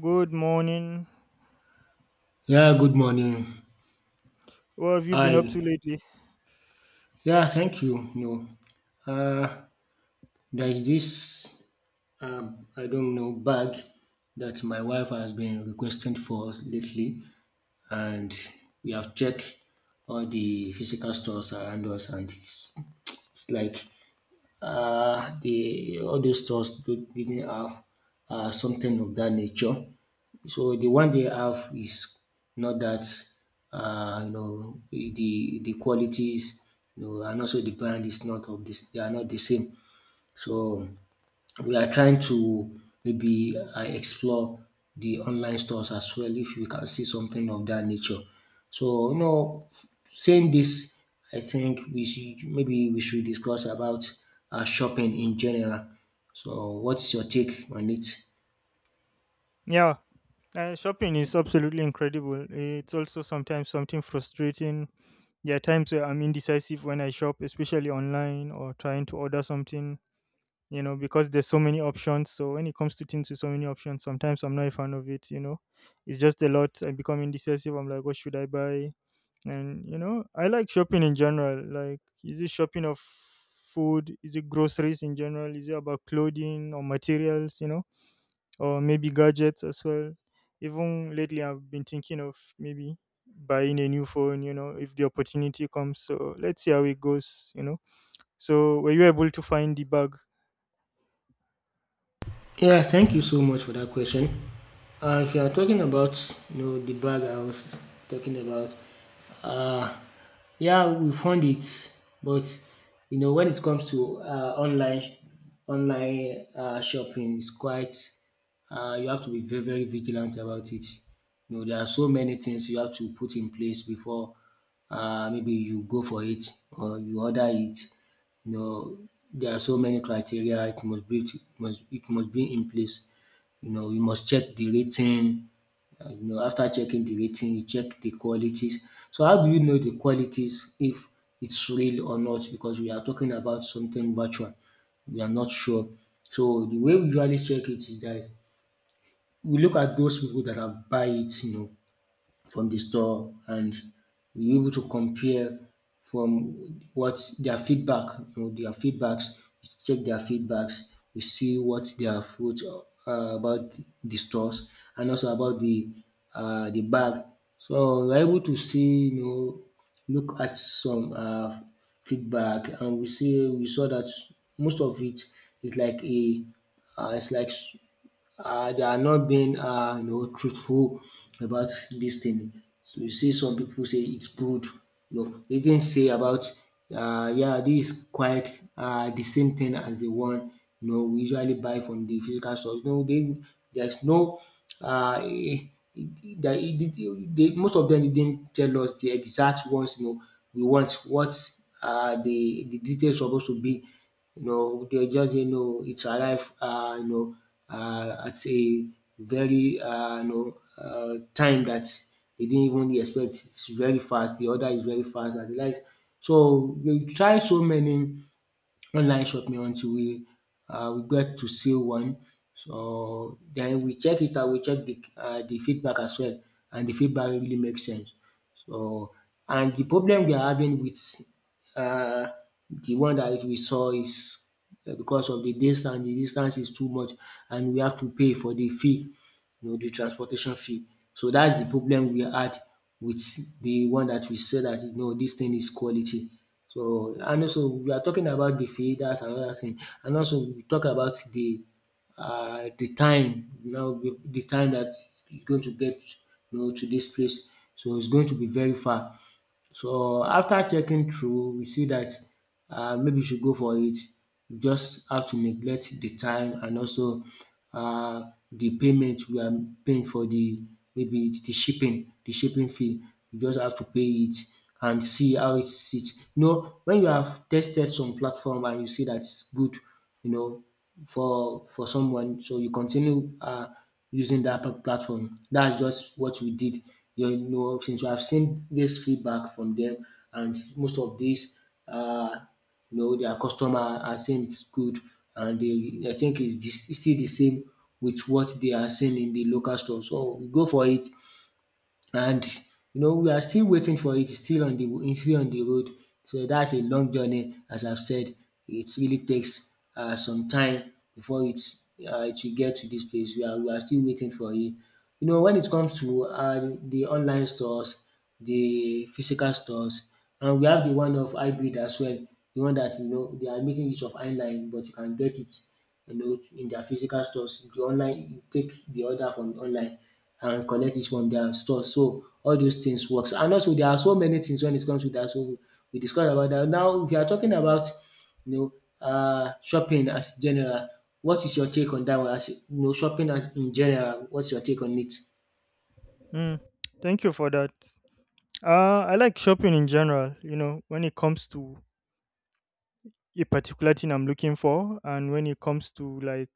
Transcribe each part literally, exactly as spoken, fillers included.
Good morning. Yeah, good morning. What have you been up to Hi. lately? Yeah, thank you. No, uh, there is this, um, I don't know, bag that my wife has been requesting for us lately, and we have checked all the physical stores around us, and it's, it's like uh, the all those stores do- didn't have uh, something of that nature. So the one they have is not that uh, you know the the qualities you know and also the brand is not of this, they are not the same. So we are trying to maybe uh, explore the online stores as well if we can see something of that nature. So, you know, saying this, I think we should maybe we should discuss about uh, shopping in general. So, what's your take on it? Yeah, uh, Shopping is absolutely incredible. It's also sometimes something frustrating. There are times where I'm indecisive when I shop, especially online or trying to order something, you know, because there's so many options. So when it comes to things with so many options, sometimes I'm not a fan of it, you know. It's just a lot. I become indecisive. I'm like, what should I buy? And, you know, I like shopping in general. Like, is it shopping of food? Is it groceries in general? Is it about clothing or materials, you know? Or maybe gadgets as well. Even lately, I've been thinking of maybe buying a new phone, you know, if the opportunity comes. So let's see how it goes, you know. So, were you able to find the bag? Yeah, thank you so much for that question. Uh, if you are talking about you know the bag I was talking about, uh, yeah, we found it, but you know when it comes to uh, online online uh, shopping, it's quite uh, you have to be very very vigilant about it. You know there are so many things you have to put in place before uh, maybe you go for it or you order it, you know there are so many criteria, it must be it must it must be in place. You know you must check the rating. Uh, you know after checking the rating, you check the qualities. So how do you know the qualities if it's real or not, because we are talking about something virtual, we are not sure. So the way we usually check it is that we look at those people that have buy it, you know, from the store, and we are able to compare from what their feedback, you know, their feedbacks, check their feedbacks. We see what they have wrote uh, about the stores and also about the uh, the bag. So we're able to see, you know, look at some uh, feedback, and we see we saw that most of it is like a uh, it's like s- uh, they are not being uh, you know truthful about this thing. So you see, some people say it's good. No, they didn't say about uh, yeah, this is quite uh, the same thing as the one you know we usually buy from the physical stores. No, they, there's no uh, eh, that it, it, it- they, most of them didn't tell us the exact ones, you know we want what uh, the the details supposed to be, you know, they just say no, it's arrived, uh, you know, uh, at a very, uh, you know, uh, time that they didn't even expect. It's very fast. The order is very fast and the likes. So they try so many online shopping until we um we get to see one. So then we check it out, we check the um the feedback as well, and the feedback really makes sense. So, and the problem we are having with um the one that we saw is uh, because of the distance, the distance is too much, and we have to pay for the fee, you know, the transportation fee. So that's the problem we had with the one that we said that, you know, this thing is quality. So, and also we are talking about the feeders and other thing, and also we talk about the uh, the time, you know the the time that you're going to get, you know, to this place. So it's going to be very far. So after checking through, we see that uh, maybe you should go for it. You just have to neglect the time and also uh, the payment we are paying for the maybe the shipping, the shipping fee. You just have to pay it and see how it sits. You know, when you have tested some platform and you see that it's good, you know, for for someone. So you continue uh, using that pla- platform. That's just what we did. You know, since I've seen this feedback from them, and most of these, uh, you know, their customer are saying it's good, and they, I think it's, this, it's still the same with what they are seeing in the local store. So we go for it, and you know we are still waiting for it. It's still on the it's still on the road. So that's a long journey, as I've said. It really takes uh, some time before it uh, it will get to this place. We are we are still waiting for it. You know, when it comes to uh, the online stores, the physical stores, and we have the one of hybrid as well. The one that you know they are making use of online, but you can get it, you know, in their physical stores. The online, you take the order from online and collect it from their store. So all those things works. And also there are so many things when it comes to that. So we discussed about that. Now if you are talking about you know uh, shopping as general, what is your take on that one? As you know, shopping as in general, what's your take on it? Mm, thank you for that. Uh, I like shopping in general, you know, when it comes to a particular thing I'm looking for and when it comes to like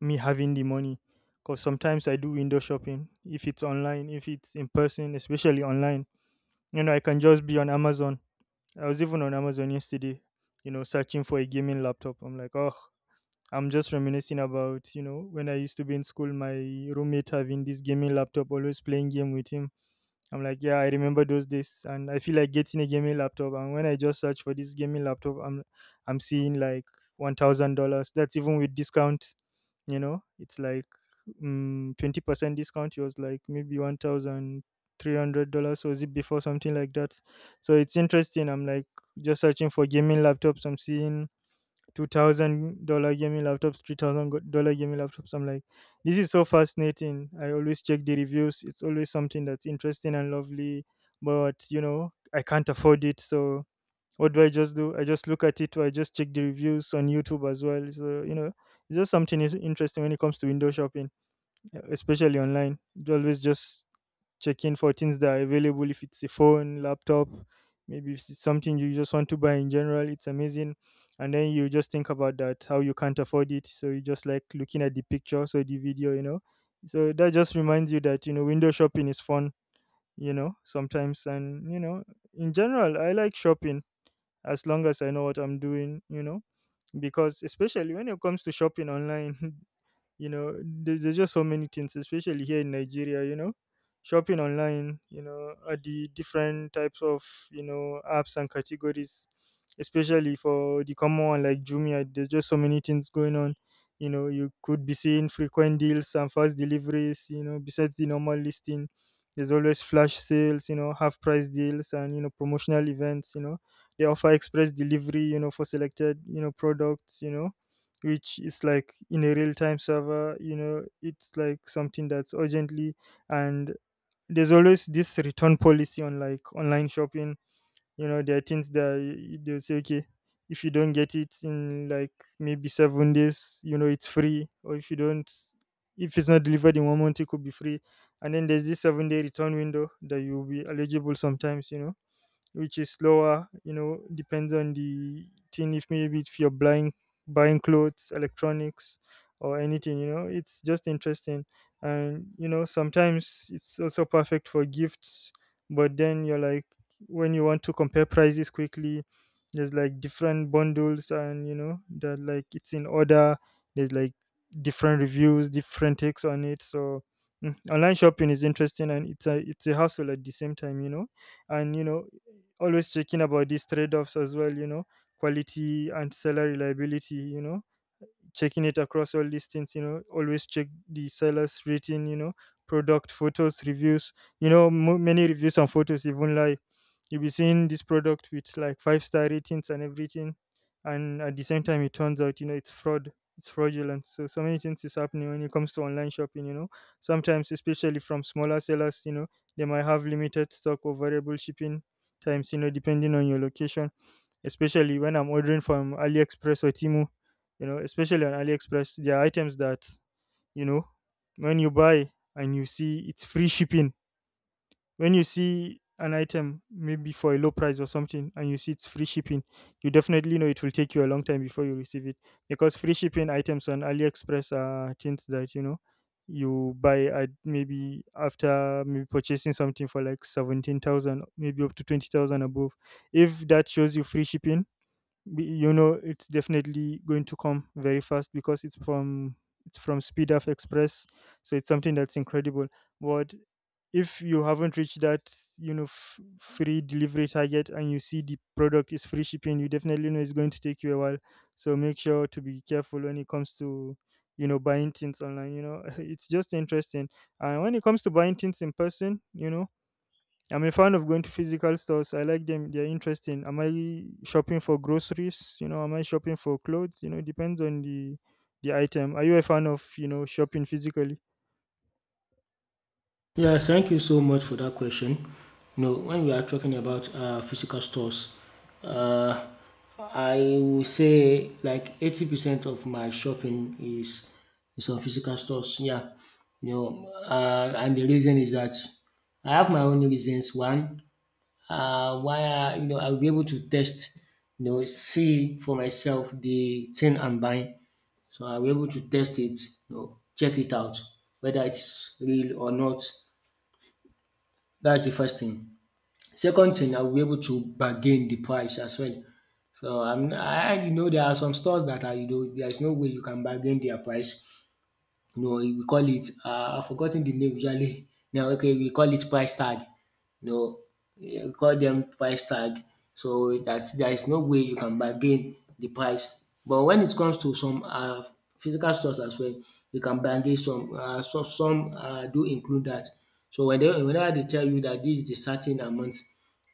me having the money. Because sometimes I do window shopping if it's online, if it's in person, especially online. You know, I can just be on Amazon. I was even on Amazon yesterday, you know, searching for a gaming laptop. I'm like, oh, I'm just reminiscing about, you know, when I used to be in school, my roommate having this gaming laptop, always playing game with him. I'm like, yeah, I remember those days, and I feel like getting a gaming laptop. And when I just search for this gaming laptop, I'm, I'm seeing like one thousand dollars. That's even with discount. You know, it's like mm, twenty percent discount. It was like maybe one thousand three hundred dollars was it before, something like that. So it's interesting. I'm like, just searching for gaming laptops, I'm seeing two thousand dollars gaming laptops, three thousand dollars gaming laptops. I'm like, this is so fascinating. I always check the reviews. It's always something that's interesting and lovely, but you know I can't afford it. So what do I just do? I just look at it or I just check the reviews on YouTube as well. So you know, it's just something is interesting when it comes to window shopping, especially online. You Always just checking for things that are available. If it's a phone, laptop, maybe if it's something you just want to buy in general, it's amazing. And then you just think about that how you can't afford it, so you just like looking at the pictures or the video, you know. So that just reminds you that you know window shopping is fun, you know, sometimes, and you know, in general, I like shopping as long as I know what I'm doing, you know, because especially when it comes to shopping online you know there's, there's just so many things, especially here in Nigeria. You know, shopping online, you know, at the different types of, you know, apps and categories, especially for the common one like Jumia. There's just so many things going on. You know, you could be seeing frequent deals and fast deliveries, you know, besides the normal listing. There's always flash sales, you know, half price deals, and you know, promotional events. You know, they offer express delivery, you know, for selected, you know, products, you know, which is like in a real time server, you know. It's like something that's urgently. And there's always this return policy on like online shopping. You know, there are things that y- they'll say, okay, if you don't get it in like maybe seven days, you know, it's free. Or if you don't if it's not delivered in one month, it could be free. And then there's this seven day return window that you'll be eligible sometimes, you know, which is lower, you know. Depends on the thing, if maybe if you're buying buying clothes, electronics, or anything, you know. It's just interesting. And you know, sometimes it's also perfect for gifts. But then you're like, when you want to compare prices quickly, there's like different bundles, and you know that like it's in order. There's like different reviews, different takes on it. So mm, online shopping is interesting, and it's a it's a hassle at the same time, you know. And you know, always checking about these trade-offs as well, you know. Quality and seller reliability, you know, checking it across all listings. You know, always check the seller's rating, you know, product photos, reviews, you know. Mo Many reviews and photos even lie. You'll be seeing this product with like five star ratings and everything, and at the same time it turns out, you know, it's fraud it's fraudulent. So so many things is happening when it comes to online shopping, you know, sometimes, especially from smaller sellers. You know, they might have limited stock or variable shipping times, you know, depending on your location, especially when I'm ordering from AliExpress or Temu. You know, especially on AliExpress, there are items that, you know, when you buy and you see it's free shipping, when you see an item maybe for a low price or something and you see it's free shipping, you definitely know it will take you a long time before you receive it, because free shipping items on AliExpress are things that, you know, you buy at maybe after maybe purchasing something for like seventeen thousand, maybe up to twenty thousand above. If that shows you free shipping, we- you know it's definitely going to come very fast, because it's from it's from speed of express. So it's something that's incredible. But if you haven't reached that, you know, f- free delivery target and you see the product is free shipping, you definitely know it's going to take you a while. So make sure to be careful when it comes to, you know, buying things online, you know. It's just interesting. And when it comes to buying things in person, you know, I'm a fan of going to physical stores. I like them. They're interesting. Am I shopping for groceries? You know, am I shopping for clothes? You know, depends on the the item. Are you a fan of, you know, shopping physically? Yes, thank you so much for that question. No, when we are talking about uh, physical stores, uh, I will say like eighty percent of my shopping is is on physical stores. Yeah, you know, uh, and the reason is that I have my own reasons. One, uh, why I, you know, I'll be able to test, you know, see for myself the thing I'm buying. So I'll be able to test it, you know, check it out whether it's real or not. That's the first thing. Second thing, I will be able to bargain the price as well. So I'm I I you know there are some stores that are, you know, there is no way you can bargain their price. No, we call it um I've forgotten the name usually now. Okay, we call it price tag. No, eh, we call them price tag, so that there is no way you can bargain the price. But when it comes to some um physical stores as well, you can bargain, some um some some um do include that. So whenever whenever they tell you that this is the certain amount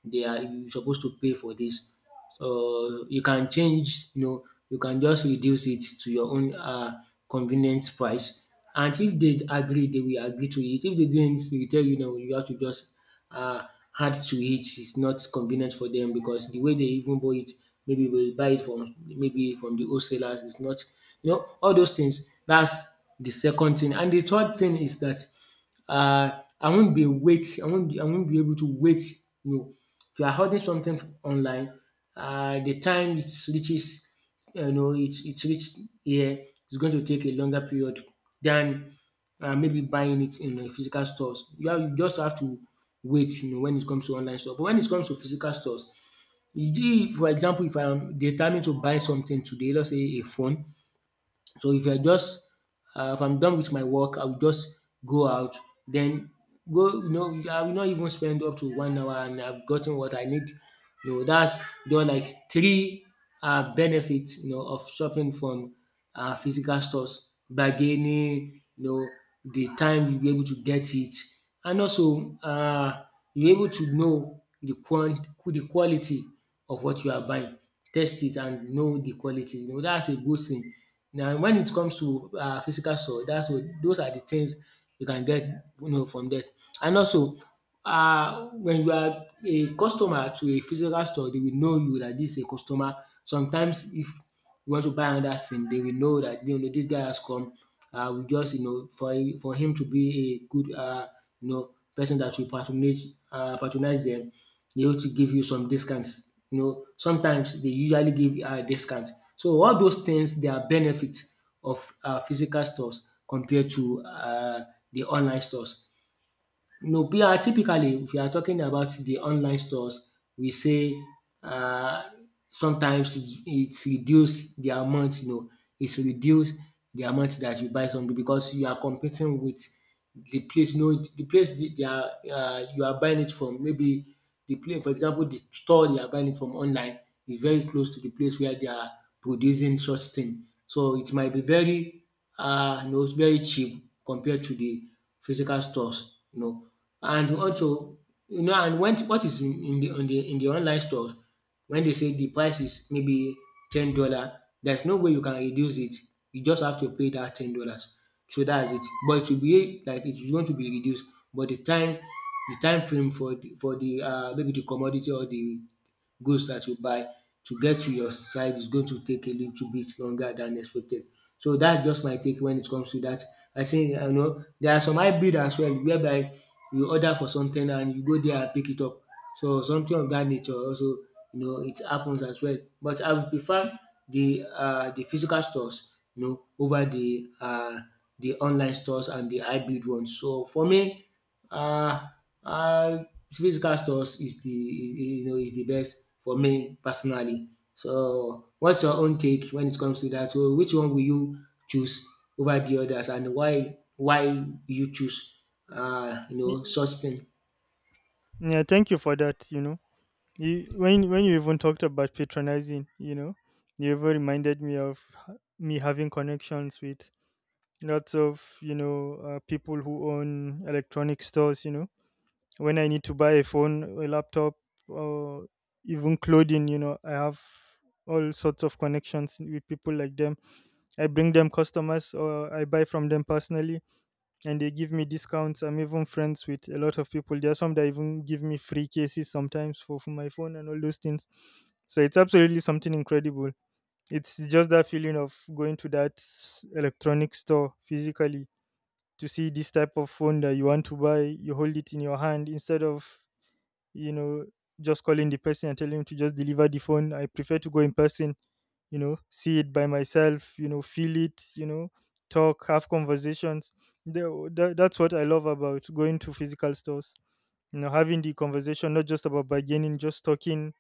they are you supposed to pay for this. So you can change, you know, you can just reduce it to your own um convenient price. And if they agree, they will agree to it. If they didn't, they will tell you no, you have to just uh, add to it. It's not convenient for them because the way they even buy it, maybe they buy it from maybe from the wholesalers. It's not, you know, all those things. That's the second thing. And the third thing is that uh, I won't be wait. I won't. I won't be able to wait. No, if you are ordering something online, uh, the time it reaches, you know, it it reached here, it's going to take a longer period than uh, maybe buying it in the physical stores. You, have, you just have to wait. You know, when it comes to online store, but when it comes to physical stores, you do- for example, if I'm determined to buy something today, let's say a phone, so if I just uh, if I'm done with my work, I will just go out, then go. You know, I will not even spend up to one hour, and I've gotten what I need. You know, that's there are like three uh, benefits, you know, of shopping from uh, physical stores: bargaining, you know, the time you'll be able to get it, and also uh, you're able to know the quant the quality of what you are buying, test it and know the quality. You know, that's a good thing. Now, when it comes to um physical store, that's what those are the things you can get, you know, from that. And also uh, when you are a customer to a physical store, they will know you that this is a customer. Sometimes if we want to buy another thing, they will know that, you know, this guy has come, uh, we just, you know, for for him to be a good uh, you know person that will patronize uh, patronize them, they have to give you some discounts. You know, sometimes they usually give uh, discounts. So all those things, they are benefits of uh, physical stores compared to uh, the online stores. No, we are typically, if you are talking about the online stores, we say uh, sometimes it's it's reduce the amount, you know, it's reduce the amount that you buy something, because you are competing with the place. You know, the place they they are uh, you are buying it from. Maybe the place, for example, the store you are buying it from online is very close to the place where they are producing such thing. So it might be very uh, you know, very cheap compared to the physical stores, you know. And also, you know, and when what is in, in the on the in the online stores, when they say the price is maybe ten dollar, there's no way you can reduce it. You just have to pay that ten dollars. So that's it. But it will be like it's going to be reduced. But the time, the time frame for the for the uh, maybe the commodity or the goods that you buy to get to your side is going to take a little bit longer than expected. So that's just my take when it comes to that. I say I know there are some hybrid as well, whereby you order for something and you go there and pick it up. So something of that nature also, you know, it happens as well. But I would prefer the uh, the physical stores, you know, over the uh, the online stores and the hybrid ones. So for me, uh, uh, physical stores is the is, is, you know, is the best for me personally. So what's your own take when it comes to that? So which one will you choose over the others, and why why you choose uh, you know, Y- such thing? Yeah, thank you for that. You know, you, when when you even talked about patronizing, you know, you even reminded me of h- me having connections with lots of, you know, uh, people who own electronic stores. You know, when I need to buy a phone, a laptop, or even clothing, you know, I have all sorts of connections with people like them. I bring them customers or I buy from them personally and they give me discounts. I'm even friends with a lot of people. There are some that even give me free cases sometimes for, for my phone and all those things. So it's absolutely something incredible. It's just that feeling of going to that s- electronic store physically to see this type of phone that you want to buy. You hold it in your hand instead of, you know, just calling the person and telling him to just deliver the phone. I prefer to go in person, you know, see it by myself, you know, feel it, you know, talk, have conversations. Tha- tha- that's what I love about going to physical stores, you know, having the conversation, not just about bargaining, just talking,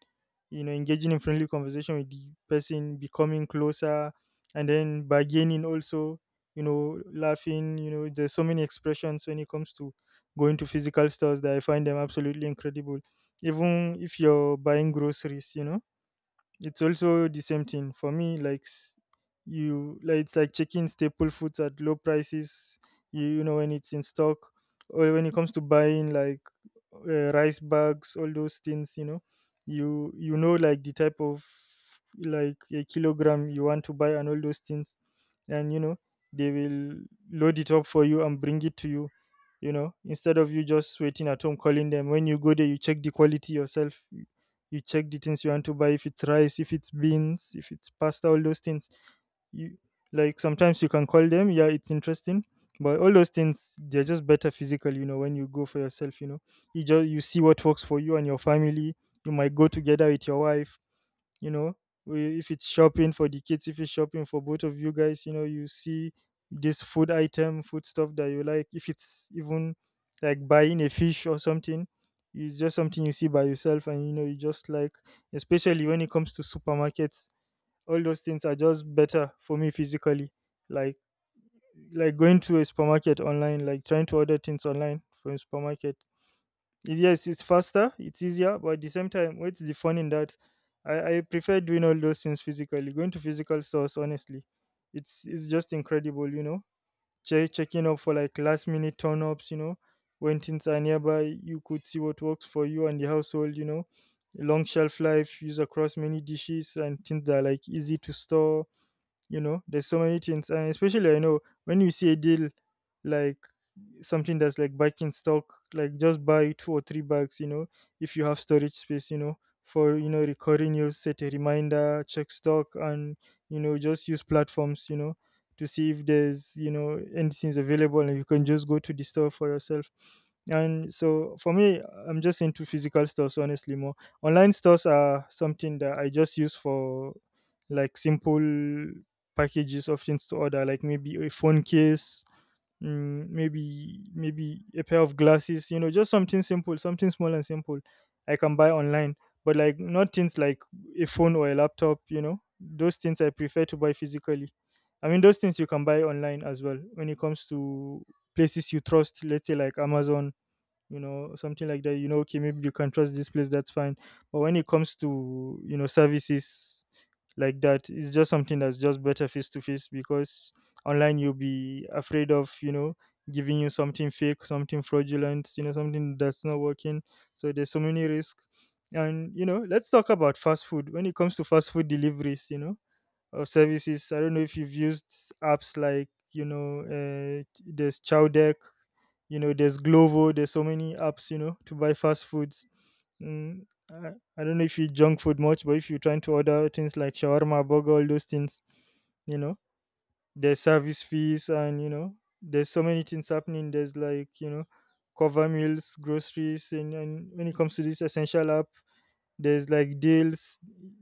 you know, engaging in friendly conversation with the person, becoming closer, and then bargaining also, you know, laughing. You know, there's so many expressions when it comes to going to physical stores that I find them absolutely incredible. Even if you're buying groceries, you know, it's also the same thing for me. Like s- you, like it's like checking staple foods at low prices. You, you know when it's in stock, or when it comes to buying like uh, rice bags, all those things. You know, you you know like the type of like a kilogram you want to buy and all those things, and you know they will load it up for you and bring it to you, you know, instead of you just waiting at home calling them. When you go there you check the quality yourself, you check the things you want to buy, if it's rice, if it's beans, if it's pasta, all those things. You, like, sometimes you can call them. Yeah, it's interesting, but all those things, they're just better physical. You know, when you go for yourself, you know, you just, you see what works for you and your family. You might go together with your wife, you know, we- if it's shopping for the kids, if it's shopping for both of you guys, you know, you see this food item, food stuff that you like. If it's even like buying a fish or something, it's just something you see by yourself and you know, you just like, especially when it comes to supermarkets, all those things are just better for me physically. like like going to a supermarket online, like trying to order things online from a supermarket, it- yes, it's faster, it's easier, but at the same time, what's the fun in that? I i prefer doing all those things physically, going to physical stores honestly. It's it's just incredible, you know. Che- checking up for like last minute turn ups, you know, when things are nearby, you could see what works for you and the household. You know, long shelf life, used across many dishes, and things that are like easy to store. You know, there's so many things, and especially I know, when you see a deal, like something that's like back in stock, like just buy two or three bags. You know, if you have storage space, you know, for, you know, recording, you set a reminder, check stock, and you know, just use platforms, you know, to see if there's, you know, anything's available, and you can just go to the store for yourself. And so for me, I'm just into physical stores honestly, more. Online stores are something that I just use for, like, simple packages of things to order, like maybe a phone case, mm, maybe maybe a pair of glasses. You know, just something simple, something small and simple. I can buy online, but like not things like a phone or a laptop. You know, those things I prefer to buy physically. I mean, those things you can buy online as well, when it comes to places you trust, let's say like Amazon. You know, something like that. You know, okay, maybe you can trust this place, that's fine, but when it comes to, you know, services like that, it's just something that's just better face to face, because online you'll be afraid of, you know, giving you something fake, something fraudulent, you know, something that's not working. So there's so many risks. And you know, let's talk about fast food. When it comes to fast food deliveries, you know, of services, I don't know if you've used apps like, you know, uh, there's Chowdeck, you know, there's Glovo. There's so many apps, you know, to buy fast foods. Mm, I, I don't know if you eat junk food much, but if you're trying to order things like shawarma, burger, all those things, you know, there's service fees, and you know, there's so many things happening. There's like, you know, cover meals, groceries, and, and when it comes to this essential app, there's like deals.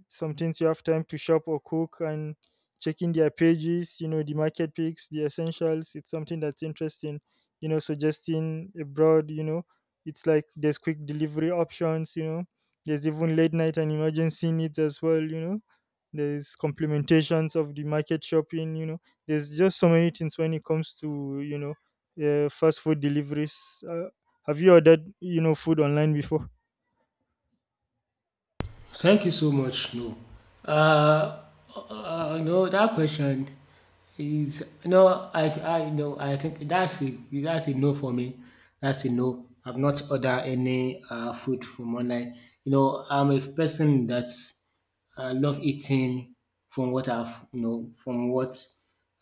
Sometimes you have time to shop or cook, and checking their pages, you know, the market picks, the essentials. It's something that's interesting, you know, suggesting abroad, you know, it's like there's quick delivery options, you know, there's even late night and emergency needs as well, you know, there's complementations of the market shopping, you know, there's just so many things when it comes to, you know, uh, fast food deliveries. Uh, have you ordered, you know, food online before? Thank you so much. No, uh, uh, no, that question is no. I, I no. I think that's a that's a no for me. That's a no. I've not ordered any uh, food from online. You know, I'm a person that I love eating from what I've, you know, from what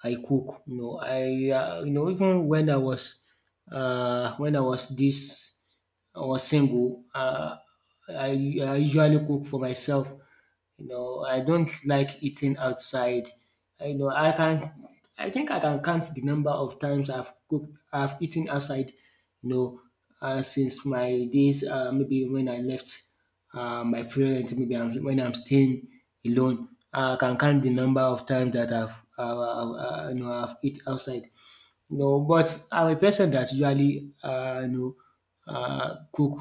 I cook. You know, I uh, you know, even when I was uh, when I was this or single, uh, I, I usually cook for myself. You know, I don't like eating outside. I know I can. I think I can count the number of times I've cooked, I've eaten outside. You know, uh, since my days, uh, maybe when I left uh, my parents, maybe I'm, when I'm staying alone, I can count the number of times that I've, uh, uh, uh, you know, I've eaten outside. No, but I'm a person that usually um you know, um cook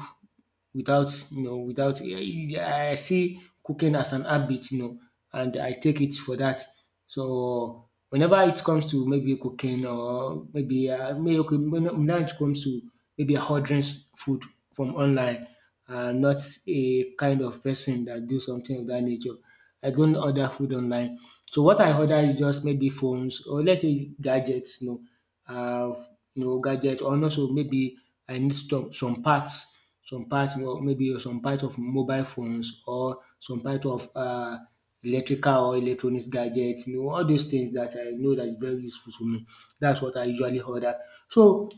without, you know, without I I see cooking as an habit, you know, and I take it for that. So whenever it comes to maybe cooking, or maybe uh, may- okay, when now it comes to maybe ordering s- food from online, I'm not a kind of person that do something of that nature. I don't order food online. So what I order is just maybe phones, or let's say gadgets, you know, uh, you know, gadget, or also maybe I need some some parts, some parts or maybe some part of mobile phones, or some part of uh, electrical or electronics gadgets, you know, all those things that I know that is very useful to me. That's what I usually order. So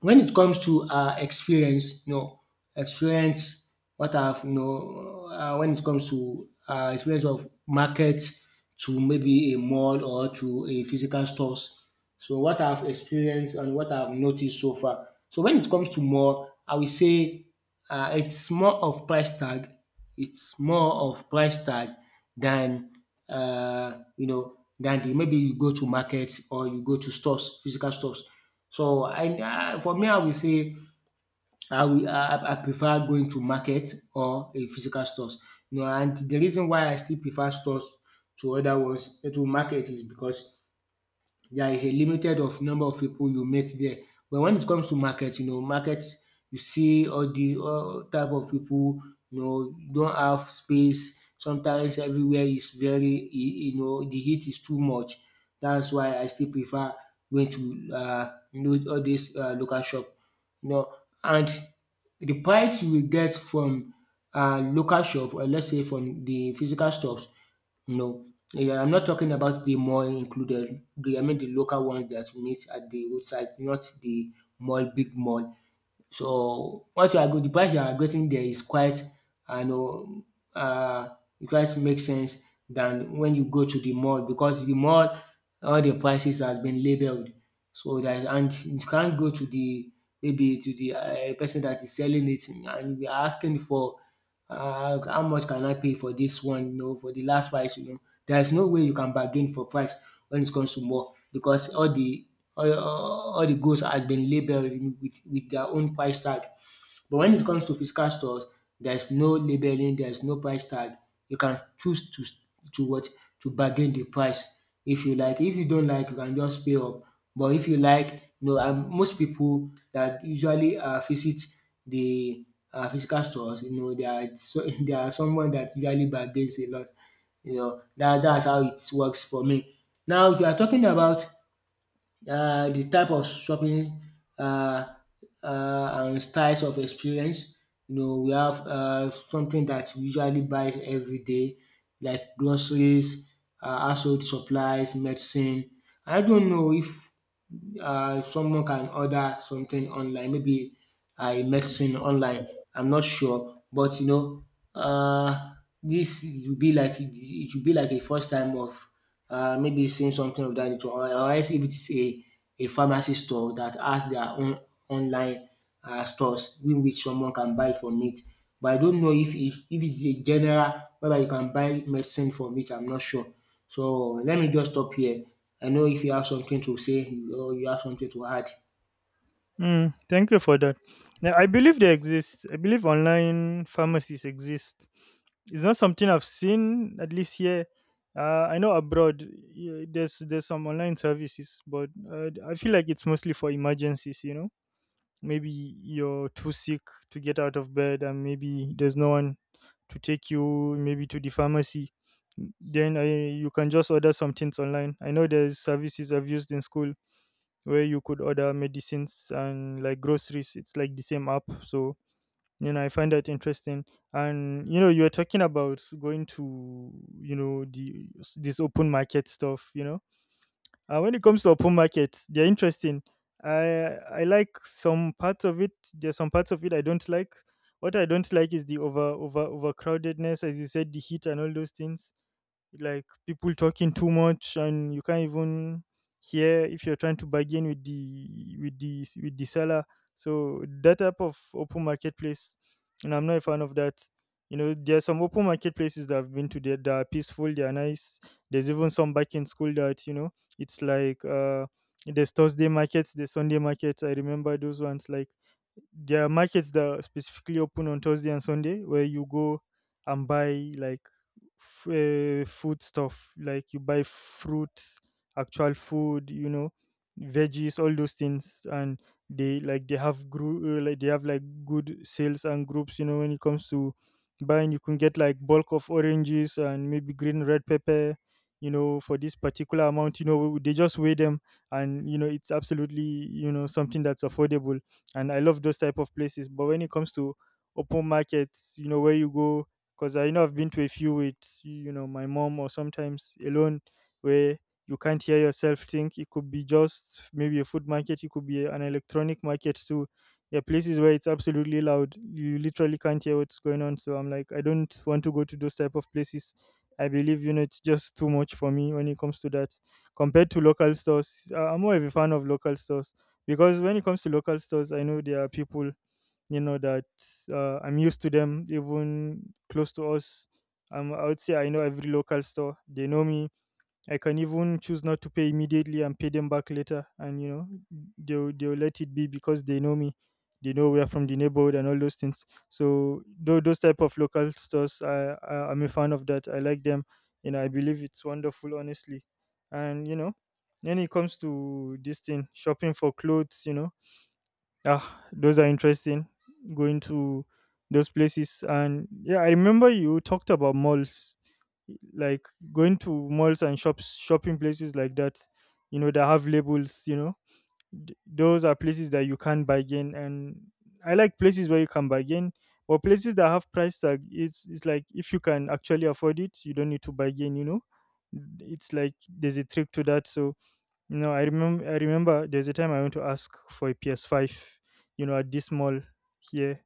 when it comes to um experience, you know, experience, what I've, you know, um when it comes to um experience of market to maybe a mall or to a physical stores. So what I've experienced and what I've noticed so far. So when it comes to mall, I will say um it's more of price tag. It's more of price tag than um you know, than the maybe you go to market, or you go to stores, physical stores. So I ah for me, I will say I will I I prefer going to market or a physical stores. You know, and the reason why I still prefer stores to other ones, eh, to market, is because there is a limited of number of people you meet there. But when it comes to market, you know, market, you see all the all type of people. You know, don't have space. Sometimes everywhere is very, y- you know, the heat is too much. That's why I still prefer going to uh, you know, all this uh, local shop. You know, and the price you will get from uh, local shop, or let's say from the physical stores, you know, yeah, I'm not talking about the mall included. The I mean the local ones that we meet at the roadside, not the mall, big mall. So what you are go, the price you are getting there is quite, I know, um quite makes sense than when you go to the mall, because the mall, all the prices has been labelled. So that, and you can't go to the maybe to the um person that is selling it and you are asking for uh, how much can I pay for this one, you know, for the last price, you know. There is no way you can bargain for price when it comes to mall, because all the all, all all the goods has been labeled with, with their own price tag. But when it comes to physical stores, there's no labeling, there's no price tag. You can choose to to what to bargain the price if you like. If you don't like, you can just pay up. But if you like, you know, and most people that usually uh, visit the uh, physical stores, you know, they are so, they are someone that usually bargains a lot. You know, that that's how it works for me. Now, if you are talking about uh, the type of shopping, uh, uh, and styles of experience. You know, we have uh, something that we usually buy every day, like groceries, uh, household supplies, medicine. I don't know if uh, someone can order something online, maybe I medicine online. I'm not sure, but you know, uh, this is- will be like, it should be like a first time of uh, maybe seeing something of that nature, or, or else if it's a, a pharmacy store that has their own online uh, stores in which someone can buy from it. But I don't know if it, if it's a general whether you can buy medicine from it. I'm not sure. So let me just stop here. I know if you have something to say or you have something to add. Mm, thank you for that. Yeah, I believe they exist. I believe online pharmacies exist. It's not something I've seen at least here. Uh, I know abroad, y- there's there's some online services, but uh, I feel like it's mostly for emergencies. You know, maybe you're too sick to get out of bed, and maybe there's no one to take you maybe to the pharmacy. Then I, you can just order some things online. I know there's services I've used in school where you could order medicines and like groceries. It's like the same app. So, you know, I find that interesting. And, you know, you were talking about going to, you know, the this open market stuff, you know. Uh, when it comes to open markets, they're interesting. I I like some parts of it. There's some parts of it I don't like. What I don't like is the over over overcrowdedness, as you said, the heat and all those things, like people talking too much, and you can't even hear if you're trying to bargain with the with the with the seller. So that type of open marketplace, and I'm not a fan of that. You know, there are some open marketplaces that I've been to that, that are peaceful, they are nice. There's even some back in school that, you know, it's like uh there's Thursday markets, there's Sunday markets. I remember those ones. Like, there are markets that are specifically open on Thursday and Sunday, where you go and buy like f- uh, food stuff, like you buy fruit, actual food, you know, veggies, all those things. And they like, they have group uh, like, they have like good sales and groups, you know. When it comes to buying, you can get like bulk of oranges and maybe green red pepper, you know, for this particular amount. You know, they just weigh them, and you know, it's absolutely, you know, something that's affordable. And I love those type of places. But when it comes to open markets, you know, where you go, because I know I've been to a few with, you know, my mom or sometimes alone, where you can't hear yourself think. It could be just maybe a food market, it could be an electronic market too. There are places where it's absolutely loud. You literally can't hear what's going on. So I'm like, I don't want to go to those type of places. I believe, you know, it's just too much for me when it comes to that. Compared to local stores, I- I'm more of a fan of local stores, because when it comes to local stores, I know there are people, you know, that uh, I'm used to them, even close to us. um, I would say I know every local store, they know me. I can even choose not to pay immediately and pay them back later, and you know, they'll, they'll let it be because they know me, they know we are from the neighborhood and all those things. So tho- those type of local stores, I, I I'm a fan of that, I like them, and I believe it's wonderful honestly. And you know, when it comes to this thing, shopping for clothes, you know, ah, those are interesting. Going to those places, and yeah, I remember you talked about malls, like going to malls and shops, shopping places like that, you know, that have labels. You know, Th- those are places that you can bargain, and I like places where you can bargain. But places that have price tag, it's it's like if you can actually afford it, you don't need to bargain. You know, it's like there's a trick to that. So no, I remember. I remember there's a time I went to ask for a P S five. You know, at this mall here,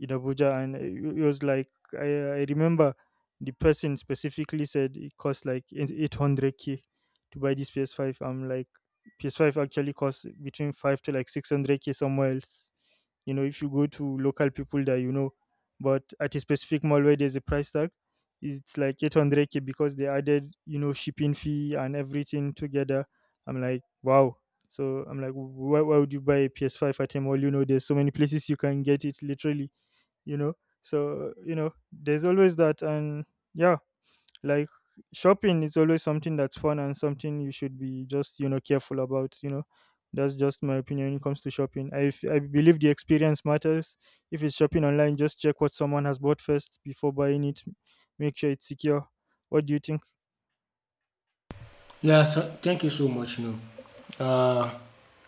in Abuja, and it it was like I, I remember the person specifically said it cost like eight hundred k to buy this P S five. I'm like, P S five actually costs between five to like six hundred k somewhere else. You know, if you go to local people that you know, but at a specific mall where there's a price tag, it's like eight hundred k because they added, you know, shipping fee and everything together. I'm like, wow. So I'm like, why, why would you buy a P S five at a mall? You know, there's so many places you can get it literally, you know. So you know, there's always that, and yeah, like, shopping is always something that's fun, and something you should be just, you know, careful about. You know, that's just my opinion when it comes to shopping. i, f- I believe the experience matters. If it's shopping online, just check what someone has bought first before buying it, make sure it's secure. What do you think? Yeah, so thank you so much. No, uh,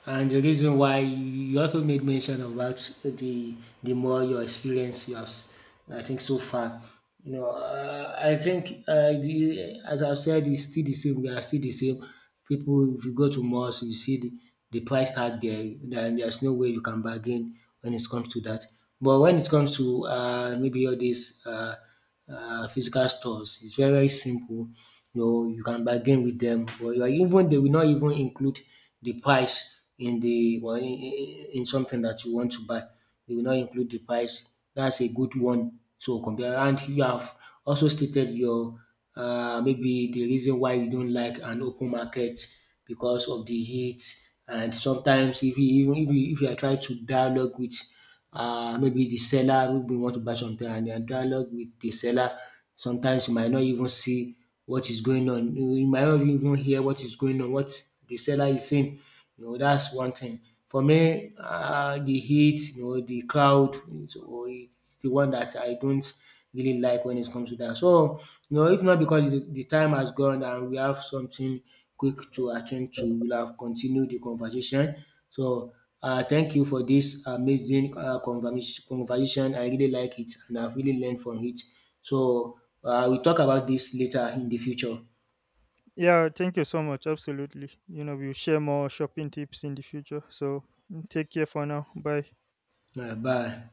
and the reason why you also made mention about the the more your experience you have, s- I think so far. You know, uh, I think uh, the, as I've said, it's still the same. We are still the same. People, if you go to malls, you see the, the price tag there. Then there's no way you can bargain when it comes to that. But when it comes to uh, maybe all these. Uh, uh, physical stores. It's very very simple. You know, you can bargain with them, but you are even they will not even include the price in the well, in, in in something that you want to buy. They will not include the price. That's a good one. So compare, and you have also stated your uh, maybe the reason why you don't like an open market, because of the heat. And sometimes if you even if you, if you are trying to dialogue with uh, maybe the seller who may want to buy something, and you are dialogue with the seller, sometimes you might not even see what is going on. You you might not even hear what is going on, what the seller is saying, you know. That's one thing for me, uh, the heat, you know, the crowd. So it's the one that I don't really like when it comes to that. So, you know, if not because the, the time has gone and we have something quick to attend to, we'll have continued the conversation. So, uh, thank you for this amazing uh, conversa- conversation. I really like it and I've really learned from it. So, uh, we'll talk about this later in the future. Yeah, thank you so much. Absolutely, you know, we'll share more shopping tips in the future. So, take care for now. Bye. Uh, bye.